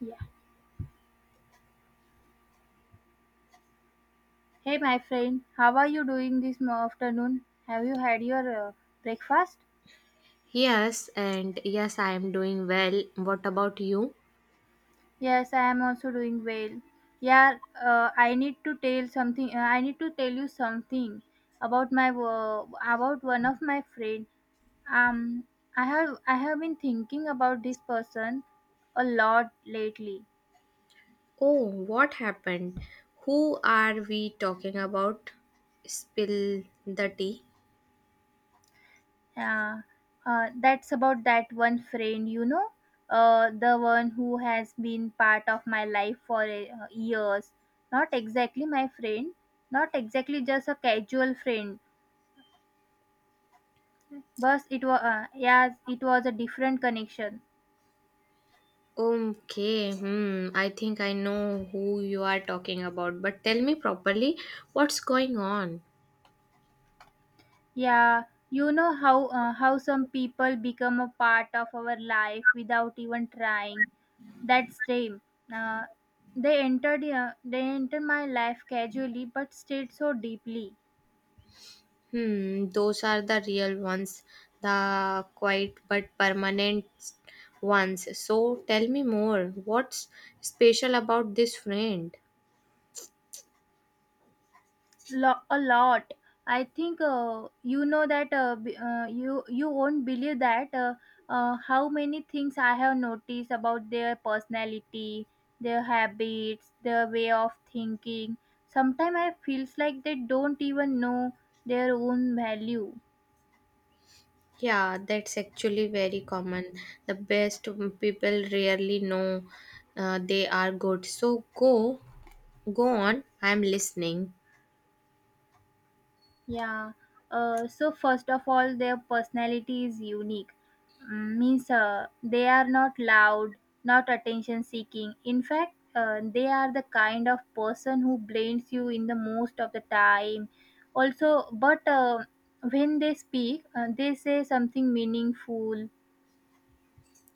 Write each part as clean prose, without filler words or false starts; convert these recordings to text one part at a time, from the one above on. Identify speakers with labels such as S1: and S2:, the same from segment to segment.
S1: Yeah. Hey, my friend, how are you doing this afternoon? Have you had your breakfast?
S2: Yes, and yes, I am doing well. What about you?
S1: Yes, I am also doing well. Yeah, I need to tell something. I need to tell you something about my about one of my friend. Um, I have been thinking about this person a lot lately.
S2: Oh, what happened? Who are we talking about? Spill the tea.
S1: Yeah, that's about that one friend, the one who has been part of my life for years. Not exactly my friend, not exactly just a casual friend, but it was, yes, it was a different connection.
S2: Okay, hmm, I think I know who you are talking about, but tell me properly what's going on?
S1: Yeah, you know how some people become a part of our life without even trying. That's them. Uh, they entered my life casually, but stayed so deeply.
S2: Hmm, those are the real ones, the quiet but permanent ones. So tell me more. What's special about this friend?
S1: A lot. I think you know that you won't believe that how many things I have noticed about their personality, their habits, their way of thinking. Sometimes I feels like they don't even know their own value.
S2: Yeah, that's actually very common. The best people rarely know they are good. So go on. I'm listening.
S1: Yeah. So first of all, their personality is unique. Mm, means they are not loud, not attention seeking. In fact, they are the kind of person who blames you in the most of the time. Also, but when they speak, they say something meaningful.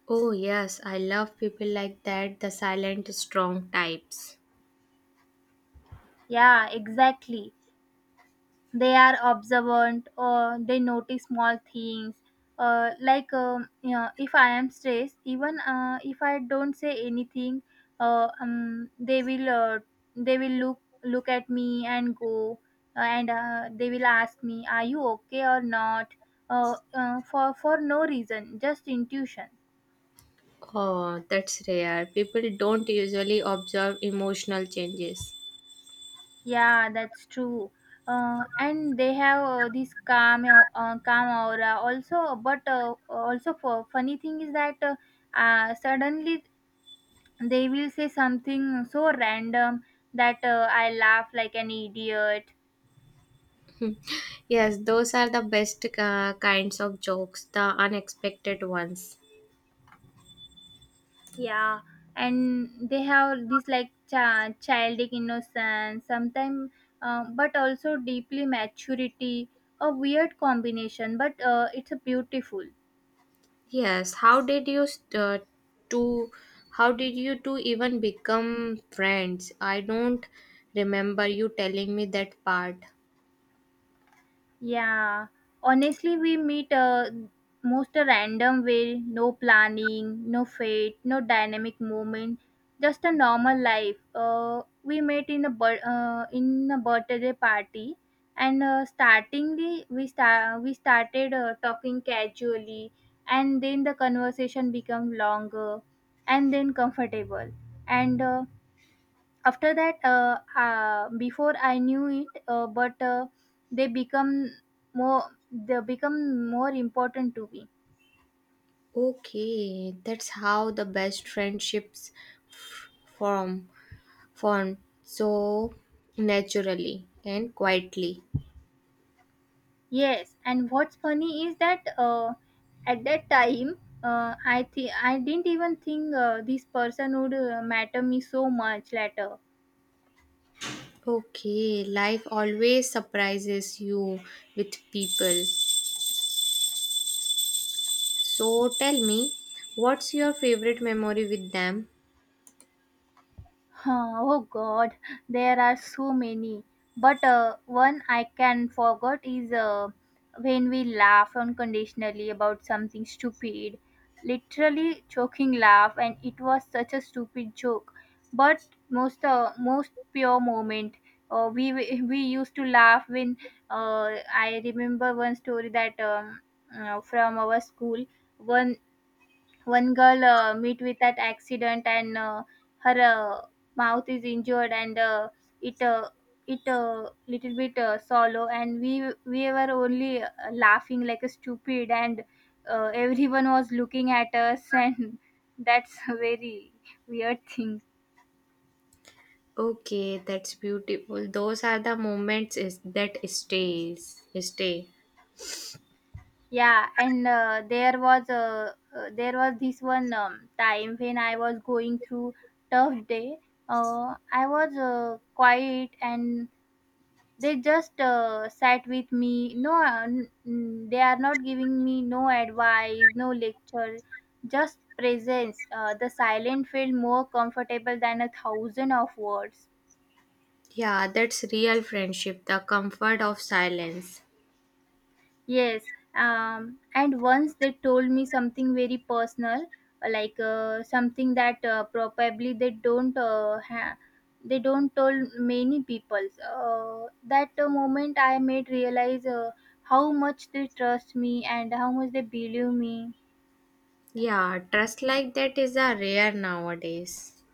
S2: Oh yes, I love people like that, the silent strong types.
S1: Yeah, exactly. They are observant or they notice small things, like you know, if I am stressed, even if I don't say anything, uh, um, they will uh, they will look at me and go, and they will ask me, are you okay or not, for no reason, just intuition.
S2: Oh, that's rare. People don't usually observe emotional changes.
S1: Yeah, that's true. And they have this calm, calm aura also. But also, for funny thing is that suddenly they will say something so random that I laugh like an idiot.
S2: Yes, those are the best kinds of jokes, the unexpected ones.
S1: Yeah, and they have this like childish innocence, sometimes, but also deeply maturity. A weird combination, but it's a beautiful.
S2: Yes, two how did you two even become friends? I don't remember you telling me that part.
S1: Yeah, honestly, we meet most a random way, no planning, no fate, no dynamic moment, just a normal life. We met in a in a birthday party, and startingly we started talking casually, and then the conversation became longer, and then comfortable, and. After that Before I knew it, but they become they become more important to me.
S2: Okay, that's how the best friendships f- form form so naturally and quietly.
S1: Yes, and what's funny is that at that time, I think I didn't even think this person would matter me so much later.
S2: Okay, life always surprises you with people. So tell me, what's your favorite memory with them?
S1: Huh, oh God, there are so many. But one I can forget is when we laugh unconditionally about something stupid, literally choking laugh, and it was such a stupid joke. But most most pure moment. We used to laugh when uh, I remember one story that from our school. One One girl meet with that accident and her mouth is injured and it it little bit solo, and we were only laughing like a stupid, and everyone was looking at us, and that's a very weird thing.
S2: Okay, that's beautiful. Those are the moments is, that stays, stay.
S1: Yeah, and there was this one time when I was going through tough day. I was quiet, and they just sat with me, no n- n- they are not giving me no advice, no lecture, just presence. The silent felt more comfortable than a thousand of words.
S2: Yeah, that's real friendship, the comfort of silence.
S1: Yes, and once they told me something very personal, something that probably they don't they don't tell many people. So, that moment I made realize how much they trust me and how much they believe me.
S2: Yeah, trust like that is a rare nowadays.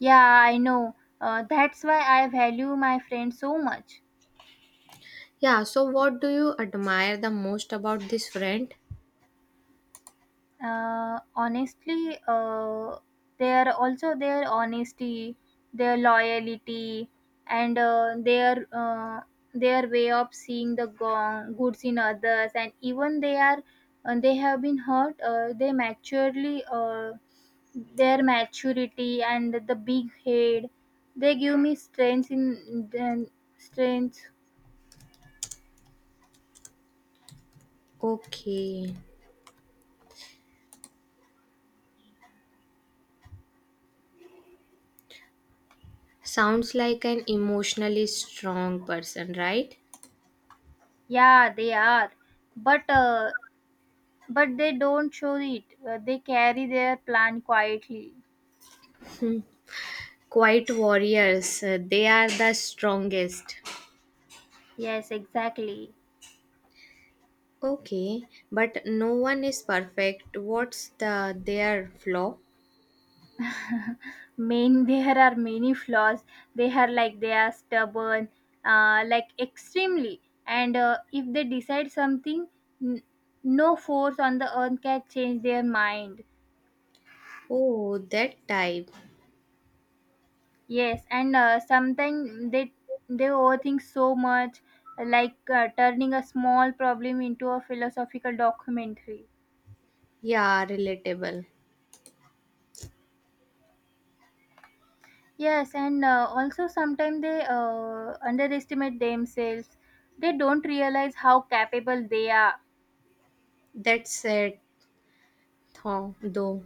S1: Yeah, I know. That's why I value my friends so much.
S2: Yeah, so what do you admire the most about this friend?
S1: Uh, honestly, their also their honesty, their loyalty, and their way of seeing the gong, goods in others, and even they are they have been hurt. They maturely their maturity and the big head, they give me strength in then strength.
S2: Okay. Sounds like an emotionally strong person, right?
S1: Yeah, they are, but they don't show it. They carry their plan quietly.
S2: Quiet warriors, they are the strongest.
S1: Yes, exactly.
S2: Okay, but no one is perfect. What's their flaw?
S1: Main. There are many flaws. They are stubborn, like extremely. And if they decide something, n- no force on the earth can change their mind.
S2: Oh, that type.
S1: Yes, and sometimes they overthink so much, like turning a small problem into a philosophical documentary.
S2: Yeah, relatable.
S1: Yes, and also sometimes they underestimate themselves. They don't realize how capable they are.
S2: That's it, though.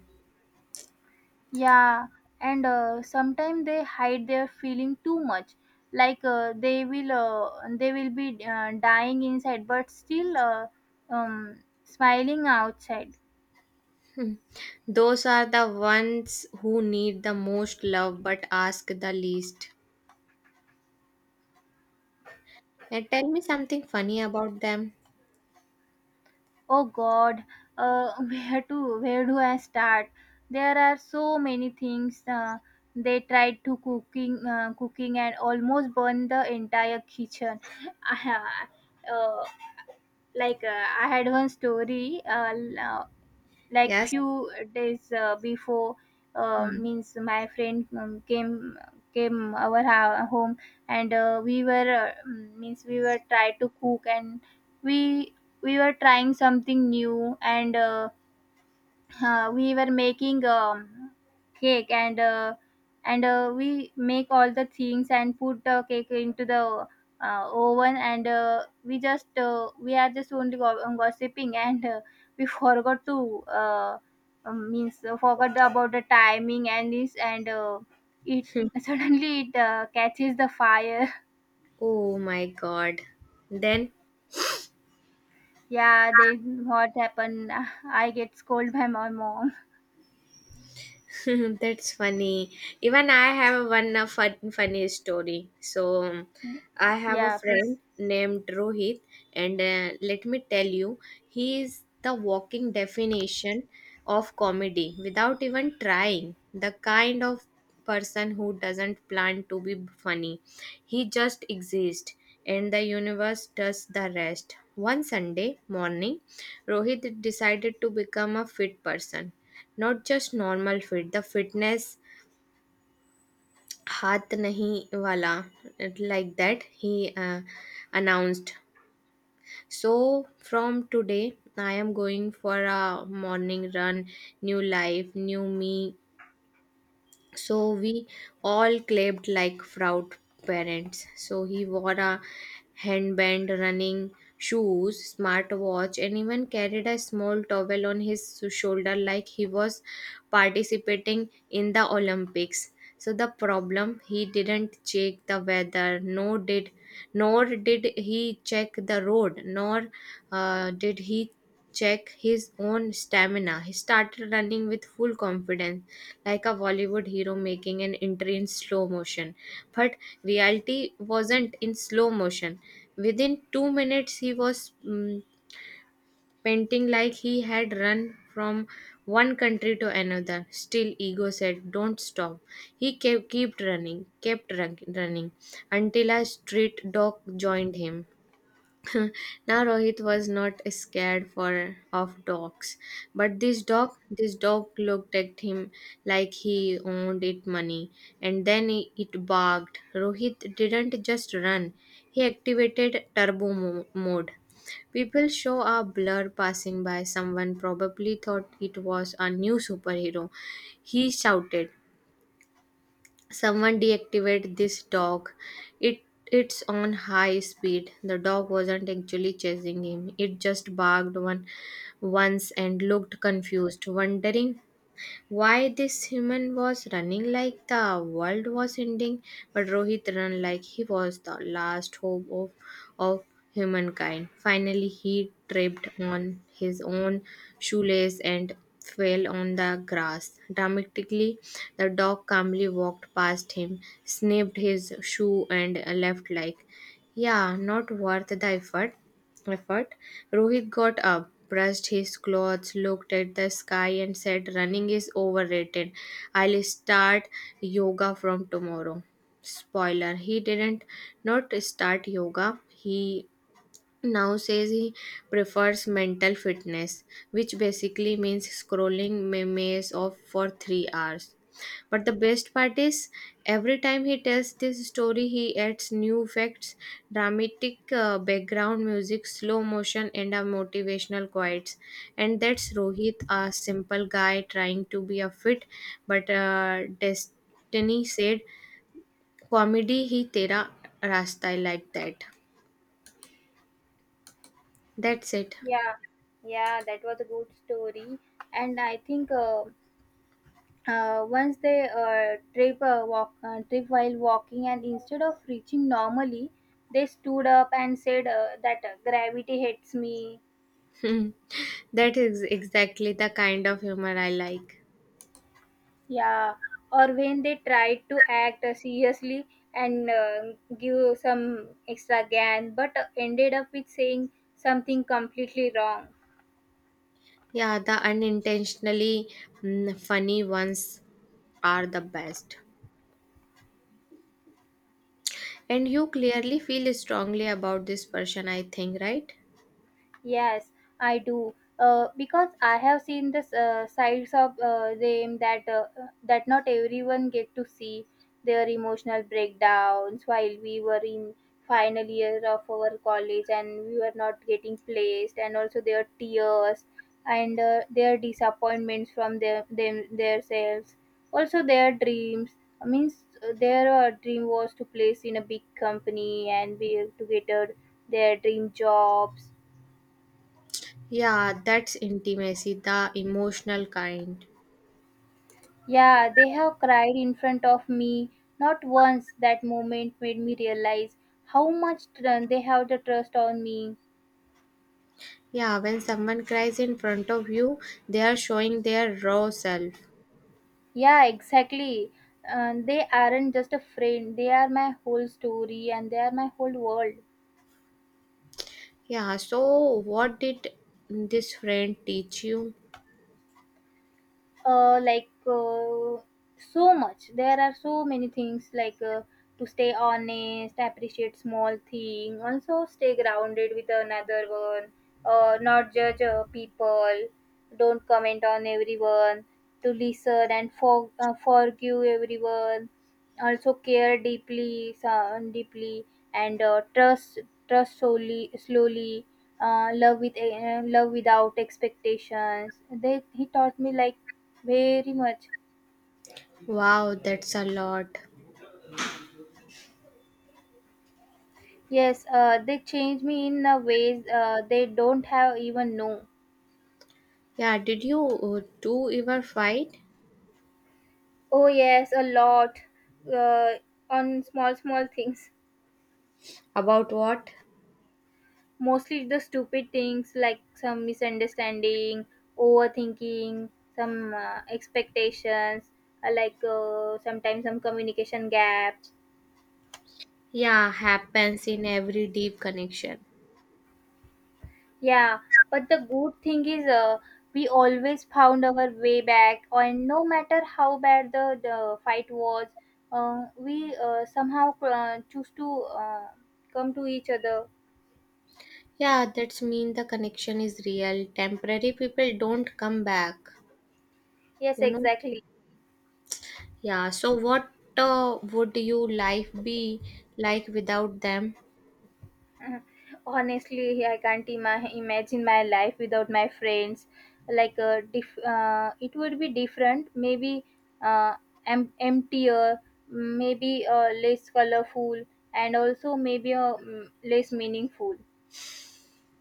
S1: Yeah, and sometimes they hide their feeling too much. Like they will be dying inside, but still smiling outside.
S2: Hmm. Those are the ones who need the most love but ask the least. And tell me something funny about them.
S1: Oh God, where do I start? There are so many things. They tried to cooking cooking and almost burned the entire kitchen. I, uh, I had one story. Like
S2: Yes.
S1: few days before,
S2: Hmm.
S1: means my friend came our home, and means we were try to cook, and we we were trying something new, and we were making cake, and we make all the things and put the cake into the oven, and we are just only gossiping and we forgot to means forgot about the timing and this, and it suddenly it catches the fire.
S2: Oh my God. Then
S1: Yeah, then what happened? I get scolded by my mom.
S2: that's funny. Even I have one funny story. So, I have a
S1: Yeah,
S2: friend
S1: please.
S2: named Rohit, and let me tell you, he is the walking definition of comedy without even trying. The kind of person who doesn't plan to be funny, he just exists, and the universe does the rest. One Sunday morning, Rohit decided to become a fit person, not just normal fit, the fitness haath nahi wala, like that. He uh, announced, "So from today I am going for a morning run, new life, new me." So we all clapped like proud parents. So he wore a handband, running shoes, smart watch, and even carried a small towel on his shoulder, like he was participating in the olympics. So the problem, he didn't check the weather, nor did he check the road, nor did he check his own stamina. He started running with full confidence, like a Bollywood hero making an entry in slow motion. But reality wasn't in slow motion. Within 2 minutes, he was panting, like he had run from one country to another. Still, ego said, "Don't stop." He kept running until a street dog joined him. Now Rohit was not scared for of dogs, but this dog looked at him like he owned it money, and then it barked. Rohit didn't just run; he activated turbo mode. People show a blur passing by. Someone probably thought it was a new superhero. He shouted, "Someone deactivated this dog. It it's on high speed." The dog wasn't actually chasing him. It just barked one once and looked confused, wondering why this human was running like the world was ending, but Rohit ran like he was the last hope of humankind. Finally, he tripped on his own shoelace and fell on the grass. Dramatically, the dog calmly walked past him, snipped his shoe, and left like, "Yeah, not worth the effort." Effort. Rohit got up, brushed his clothes, looked at the sky, and said, "Running is overrated. I'll start yoga from tomorrow." Spoiler: he didn't not start yoga. He now says he prefers mental fitness, which basically means scrolling memes of for 3 hours. But the best part is, every time he tells this story, he adds new facts, dramatic background music, slow motion, and a motivational quotes. And that's Rohit, a simple guy trying to be a fit, but destiny said, "Comedy hi tera rasta," like that. That's it.
S1: Yeah, yeah, that was a good story. And I think once they trip while walking, and instead of reaching normally, they stood up and said that gravity hates me.
S2: Hmm, that is exactly the kind of humor I like.
S1: Yeah, or when they tried to act seriously and give some extra gan, but ended up with saying something completely wrong.
S2: Yeah, the unintentionally funny ones are the best. And you clearly feel strongly about this person, I think, right?
S1: Yes, I do. Because I have seen the sides of them that that not everyone get to see, their emotional breakdowns while we were in final year of our college and we were not getting placed, and also their tears and their disappointments from their them themselves, also their dreams. I means their dream was to place in a big company and be to get a, their dream jobs.
S2: Yeah, that's intimacy, the emotional kind.
S1: Yeah, they have cried in front of me. Not once that moment made me realize how much they have the trust on me.
S2: Yeah, when someone cries in front of you, they are showing their raw self.
S1: Yeah, exactly. They aren't just a friend, they are my whole story and they are my whole world.
S2: Yeah, so what did this friend teach you?
S1: Uh, like so much, there are so many things like to stay honest, appreciate small thing, also stay grounded with another one, not judge people, don't comment on everyone, to listen and forgive everyone, also care deeply, sound deeply, and trust solely slowly, love without expectations. They he taught me like very much.
S2: Wow, that's a lot.
S1: Yes, they change me in a ways they don't have even know.
S2: Yeah, did you two ever fight?
S1: Oh yes, a lot. Uh, on small small things.
S2: About what?
S1: Mostly the stupid things, like some misunderstanding, overthinking, some expectations, sometimes some communication gaps.
S2: Yeah, happens in every deep connection.
S1: Yeah, but the good thing is we always found our way back, and no matter how bad the fight was, we somehow choose to come to each other.
S2: Yeah, that's mean the connection is real. Temporary people don't come back,
S1: Yes,
S2: you know.
S1: exactly.
S2: Yeah, so what would your life be like without them?
S1: Honestly, I can't imagine my life without my friends. Like, it would be different, maybe uh, emptier, maybe less colorful, and also maybe less meaningful.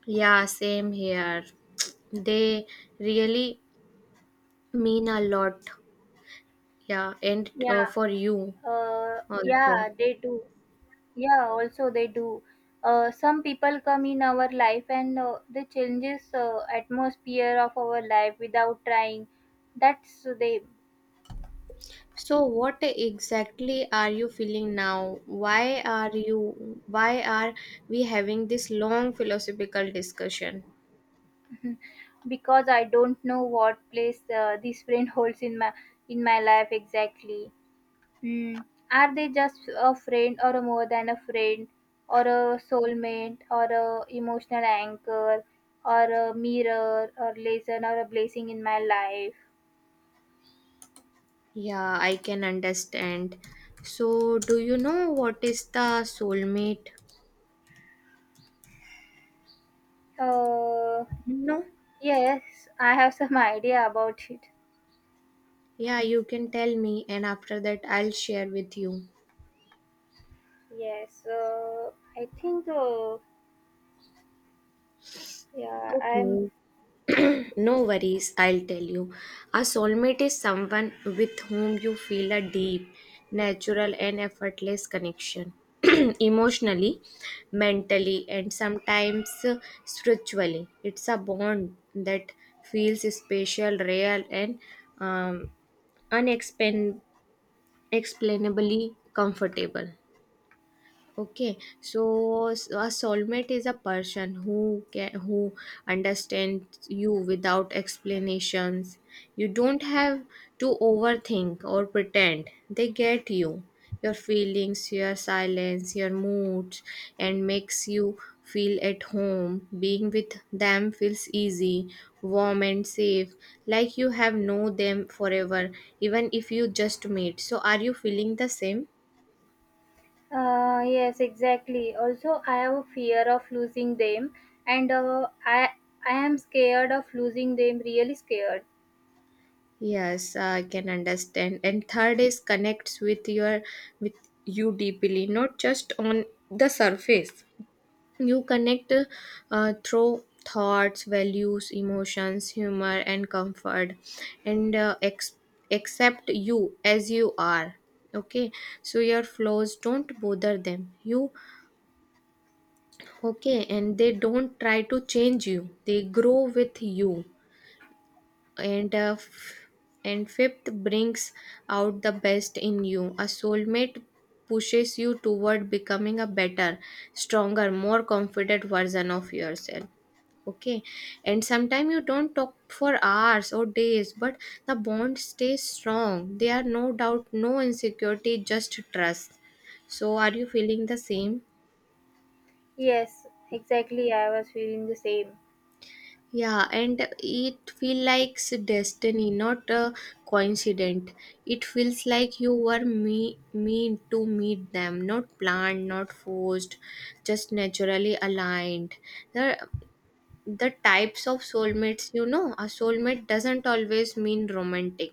S2: Yeah, same here. They really mean a lot. Yeah, and
S1: Yeah,
S2: for you
S1: yeah,
S2: also.
S1: they do. Yeah, also they do. Some people come in our life, and they changes atmosphere of our life without trying. That's they.
S2: So what exactly are you feeling now? Why are we having this long philosophical discussion?
S1: Because I don't know what place this friend holds in my life exactly. Hmm. Are they just a friend, or a more than a friend, or a soulmate, or a emotional anchor, or a mirror or lesson or a blessing in my life?
S2: Yeah, I can understand. So do you know what is the soulmate?
S1: Uh,
S2: No?
S1: yes, I have some idea about it.
S2: Yeah, you can tell me and after that I'll share with you.
S1: Yes, I think, uh, yeah, I'm,
S2: Okay. No worries, I'll tell you. A soulmate is someone with whom you feel a deep, natural, and effortless connection emotionally, mentally, and sometimes spiritually. It's a bond that feels special, real, and um, unexplainably comfortable. Okay, so a soulmate is a person who understands you without explanations. You don't have to overthink or pretend. They get you, your feelings, your silence, your moods, and makes you feel at home. Being with them feels easy, warm and safe, like you have known them forever, even if you just meet. So are you feeling the same?
S1: yes, exactly. Also, I have a fear of losing them, and I am scared of losing them, really scared.
S2: Yes, I can understand. And third is connects with your with you deeply, not just on the surface. You connect through thoughts, values, emotions, humor, and comfort, and accept you as you are. Okay, so your flaws don't bother them. You okay, and they don't try to change you. They grow with you, and and fifth brings out the best in you. A soulmate pushes you toward becoming a better, stronger, more confident version of yourself. Okay. And sometimes you don't talk for hours or days, but the bond stays strong. There are no doubt, no insecurity, just trust. So are you feeling the same?
S1: Yes, exactly. I was feeling the same.
S2: Yeah, and it feels like destiny, not a coincidence. It feels like you were me meant to meet them, not planned, not forced, just naturally aligned. There, the types of soulmates, you know a soulmate doesn't always mean romantic.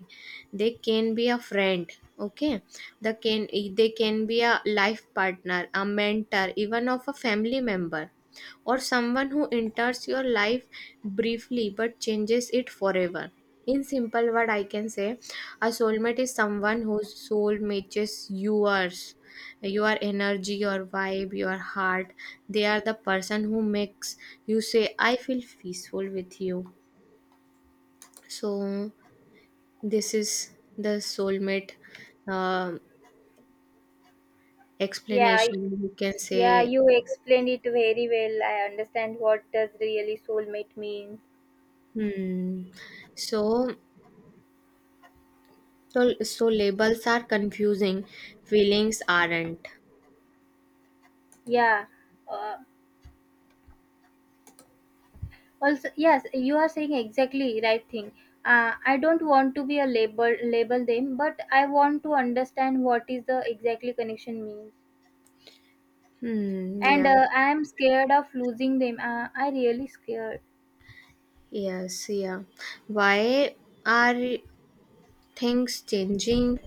S2: They can be a friend. Okay. The can they can be a life partner, a mentor, even of a family member, or someone who enters your life briefly but changes it forever. In simple word, I can say a soulmate is someone whose soul matches yours, your energy, your vibe, your heart. They are the person who makes you say, "I feel peaceful with you." So this is the soulmate um
S1: Yeah, I-
S2: explanation, you can
S1: yeah,
S2: say.
S1: you explained it very well. I understand what does really soulmate mean.
S2: Hmm. So so so labels are confusing, feelings aren't.
S1: Yeah, uh, Also, yes, you are saying exactly right thing. I don't want to be a label label them, but I want to understand what is the exactly connection means.
S2: Hmm,
S1: And
S2: yes.
S1: I am scared of losing them. I really scared.
S2: Yes. Yeah, why are things changing?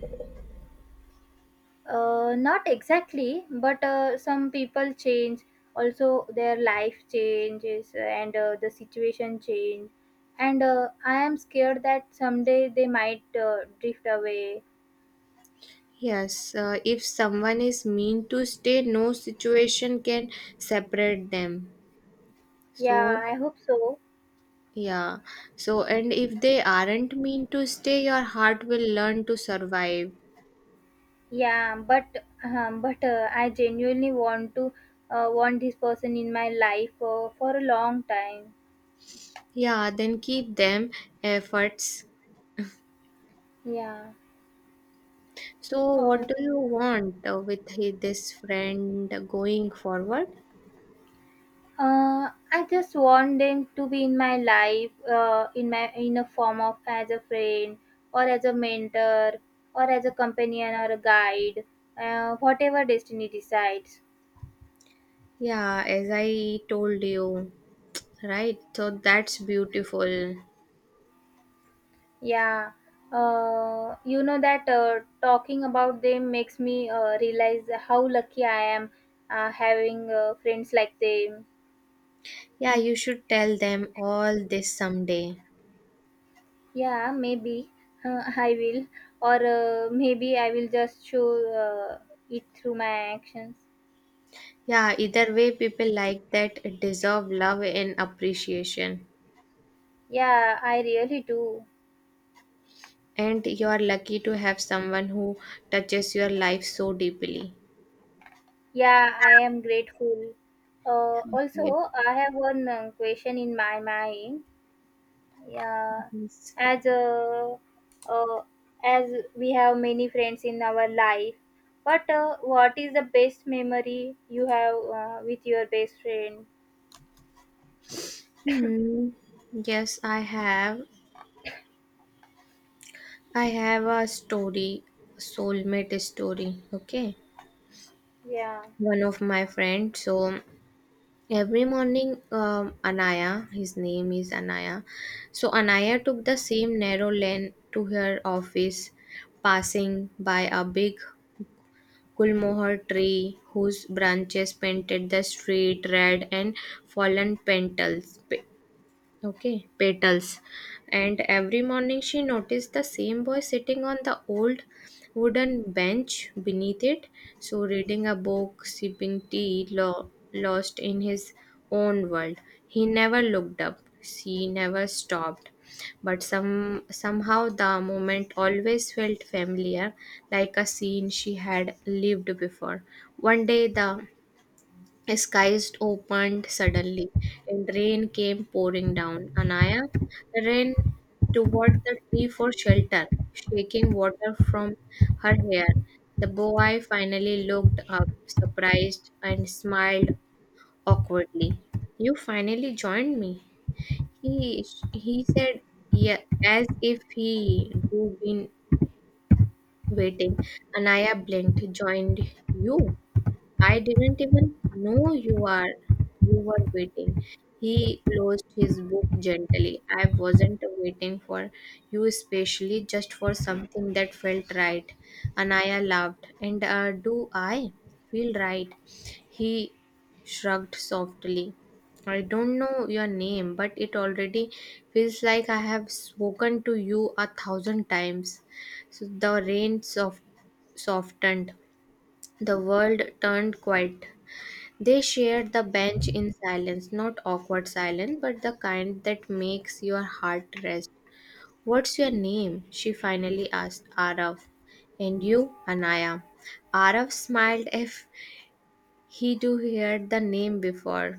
S1: Not exactly, but some people change. Also, their life changes and the situation change. And I am scared that someday they might drift away.
S2: Yes, if someone is mean to stay, no situation can separate them. So,
S1: Yeah, I hope so.
S2: yeah. So, and if they aren't mean to stay, your heart will learn to survive.
S1: Yeah, but I genuinely want to want this person in my life for a long time.
S2: Yeah, then keep them efforts.
S1: Yeah.
S2: So, what
S1: Oh.
S2: do you want with this friend going forward?
S1: I just want them to be in my life, in a form of as a friend or as a mentor or as a companion or a guide, whatever destiny decides.
S2: Yeah, as I told you, right? So, that's beautiful.
S1: Yeah, you know that talking about them makes me realize how lucky I am having friends like them.
S2: Yeah, you should tell them all this someday.
S1: Yeah, maybe I will, or maybe I will just show it through my actions.
S2: Yeah, either way, people like that deserve love and appreciation.
S1: Yeah, I really do.
S2: And you are lucky to have someone who touches your life so deeply.
S1: Yeah, I am grateful.
S2: Okay.
S1: Also, I have one question in my mind. Yeah,
S2: Yes.
S1: as uh, as we have many friends in our life but what is the best memory you have with your best friend?
S2: Hmm. Yes, I have. I have a story, a soulmate story. Okay.
S1: Yeah,
S2: One of my friends. So every morning, Anaya, his name is Anaya. So Anaya took the same narrow lane to her office, passing by a big Gulmohar tree whose branches painted the street red and fallen petals. And every morning she noticed the same boy sitting on the old wooden bench beneath it, so reading a book, sipping tea, lost in his own world. He never looked up, she never stopped. But somehow the moment always felt familiar, like a scene she had lived before. One day the skies opened suddenly, and rain came pouring down. Anaya ran toward the tree for shelter, shaking water from her hair. The boy finally looked up, surprised, and smiled awkwardly. "You finally joined me," He he said, yeah, as if he do been waiting. Anaya blinked, "Joined you. I didn't even know you were waiting." He closed his book gently. "I wasn't waiting for you especially, just for something that felt right." Anaya laughed. "And do I feel right?" He shrugged softly. "I don't know your name, but it already feels like I have spoken to you a thousand times." So the rain softened. The world turned quiet. They shared the bench in silence, not awkward silence, but the kind that makes your heart rest. "What's your name?" She finally asked. "Arav. And you?" "Anaya." Arav smiled, a he too heard the name before.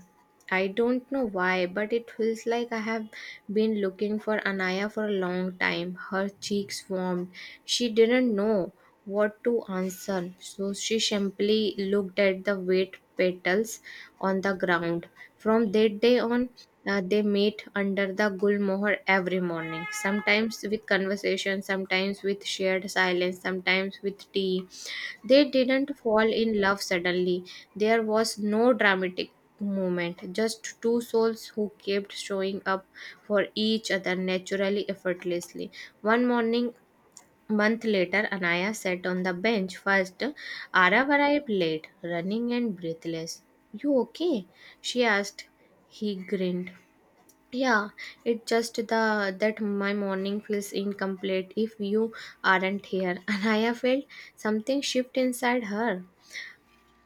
S2: "I don't know why, but it feels like I have been looking for Anaya for a long time." Her cheeks warmed. She didn't know what to answer, so she simply looked at the wet petals on the ground. From that day on, they met under the gulmohar every morning, sometimes with conversation, sometimes with shared silence, sometimes with tea. They didn't fall in love suddenly. There was no dramatic moment, just two souls who kept showing up for each other, naturally, effortlessly. One morning, month later, Anaya sat on the bench first. Arav arrived late, running and breathless. "You okay?" She asked. He grinned. "Yeah, it just the that my morning feels incomplete if you aren't here." Anaya felt something shift inside her.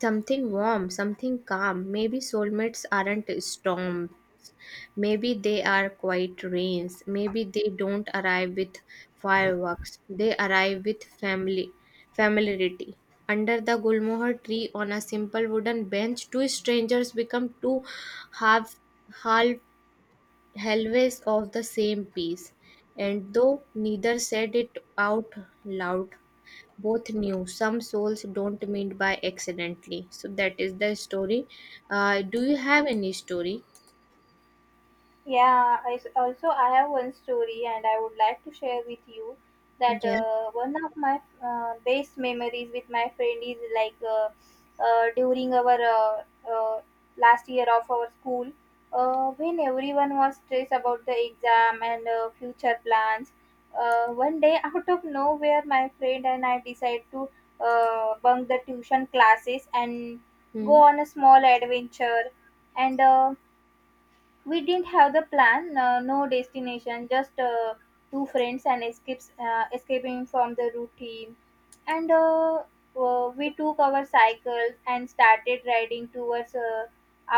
S2: Something warm, something calm. Maybe soulmates aren't storms. Maybe they are quiet rains. Maybe they don't arrive with fireworks. They arrive with family familiarity. Under the gulmohar tree, on a simple wooden bench, two strangers become two half half always of the same piece, and though neither said it out loud, both knew some souls don't meet by accidentally. So that is the story. Do you have any story?
S1: Yeah, also I have one story and I would like to share with you that
S2: Yes.
S1: one of my best memories with my friend is like during our uh, last year of our school when everyone was stressed about the exam and future plans. One day out of nowhere my friend and I decide to bunk the tuition classes and go
S2: Hmm.
S1: on a small adventure, and we didn't have the plan, no destination, just two friends and escapes escaping from the routine. And We took our cycles and started riding towards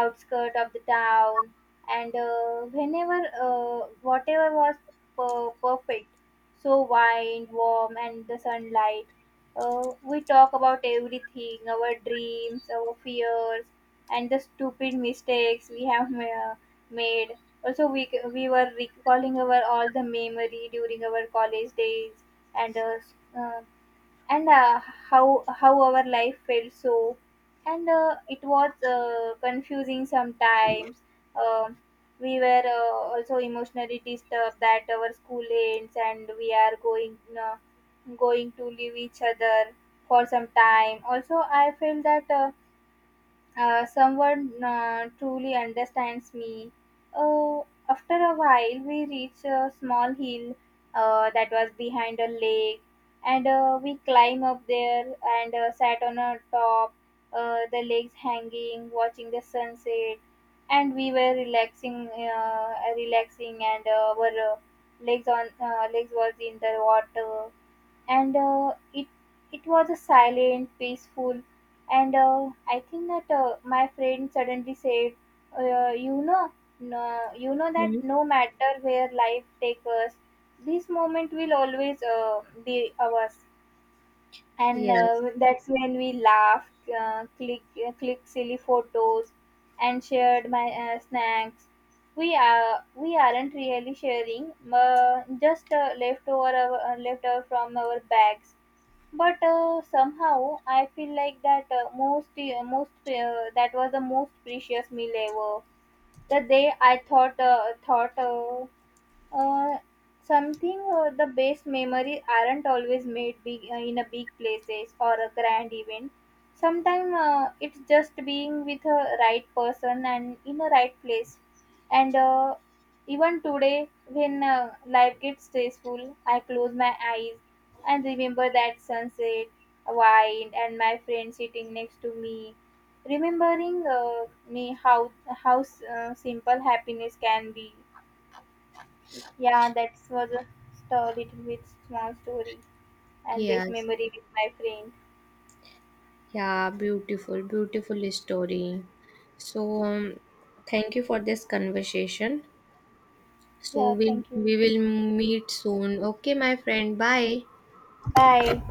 S1: outskirt of the town, and whenever whatever was perfect, so wind warm and the sunlight. We talk about everything, our dreams, our fears, and the stupid mistakes we have made. Also, we were recalling our all the memory during our college days, and uh, s- uh, and how our life felt so, and it was confusing sometimes. Um we were also emotionally disturbed that our school ends and we are going uh, going to leave each other for some time. Also, I feel that. Someone truly understands me. Oh, after a while, we reach a small hill that was behind a lake, and we climb up there and sat on a top, the legs hanging, watching the sunset, and we were relaxing, relaxing, and our legs was in the water, and it was a silent, peaceful, and I think that my friend suddenly said, "You know, no, you know that
S2: Hmm.
S1: no matter where life takes us, this moment will always be ours." And
S2: Yes.
S1: that's when we laughed, click silly photos, and shared my snacks. We aren't really sharing, just leftover from our bags, but somehow I feel like that most most that was the most precious meal ever. The day I thought thought uh, something the best memories aren't always made big in a big places or a grand event. Sometimes it's just being with a right person and in a right place, and even today when life gets stressful, I close my eyes and remember that sunset, wine, and my friend sitting next to me, remembering me how simple happiness can be. Yeah, that was a little bit small story and base
S2: Yes.
S1: memory with my friend.
S2: Yeah. Beautiful. Beautiful story. So thank you for this conversation. So
S1: Yeah,
S2: we
S1: thank you.
S2: we will meet soon. Okay, my friend. Bye.
S1: Bye.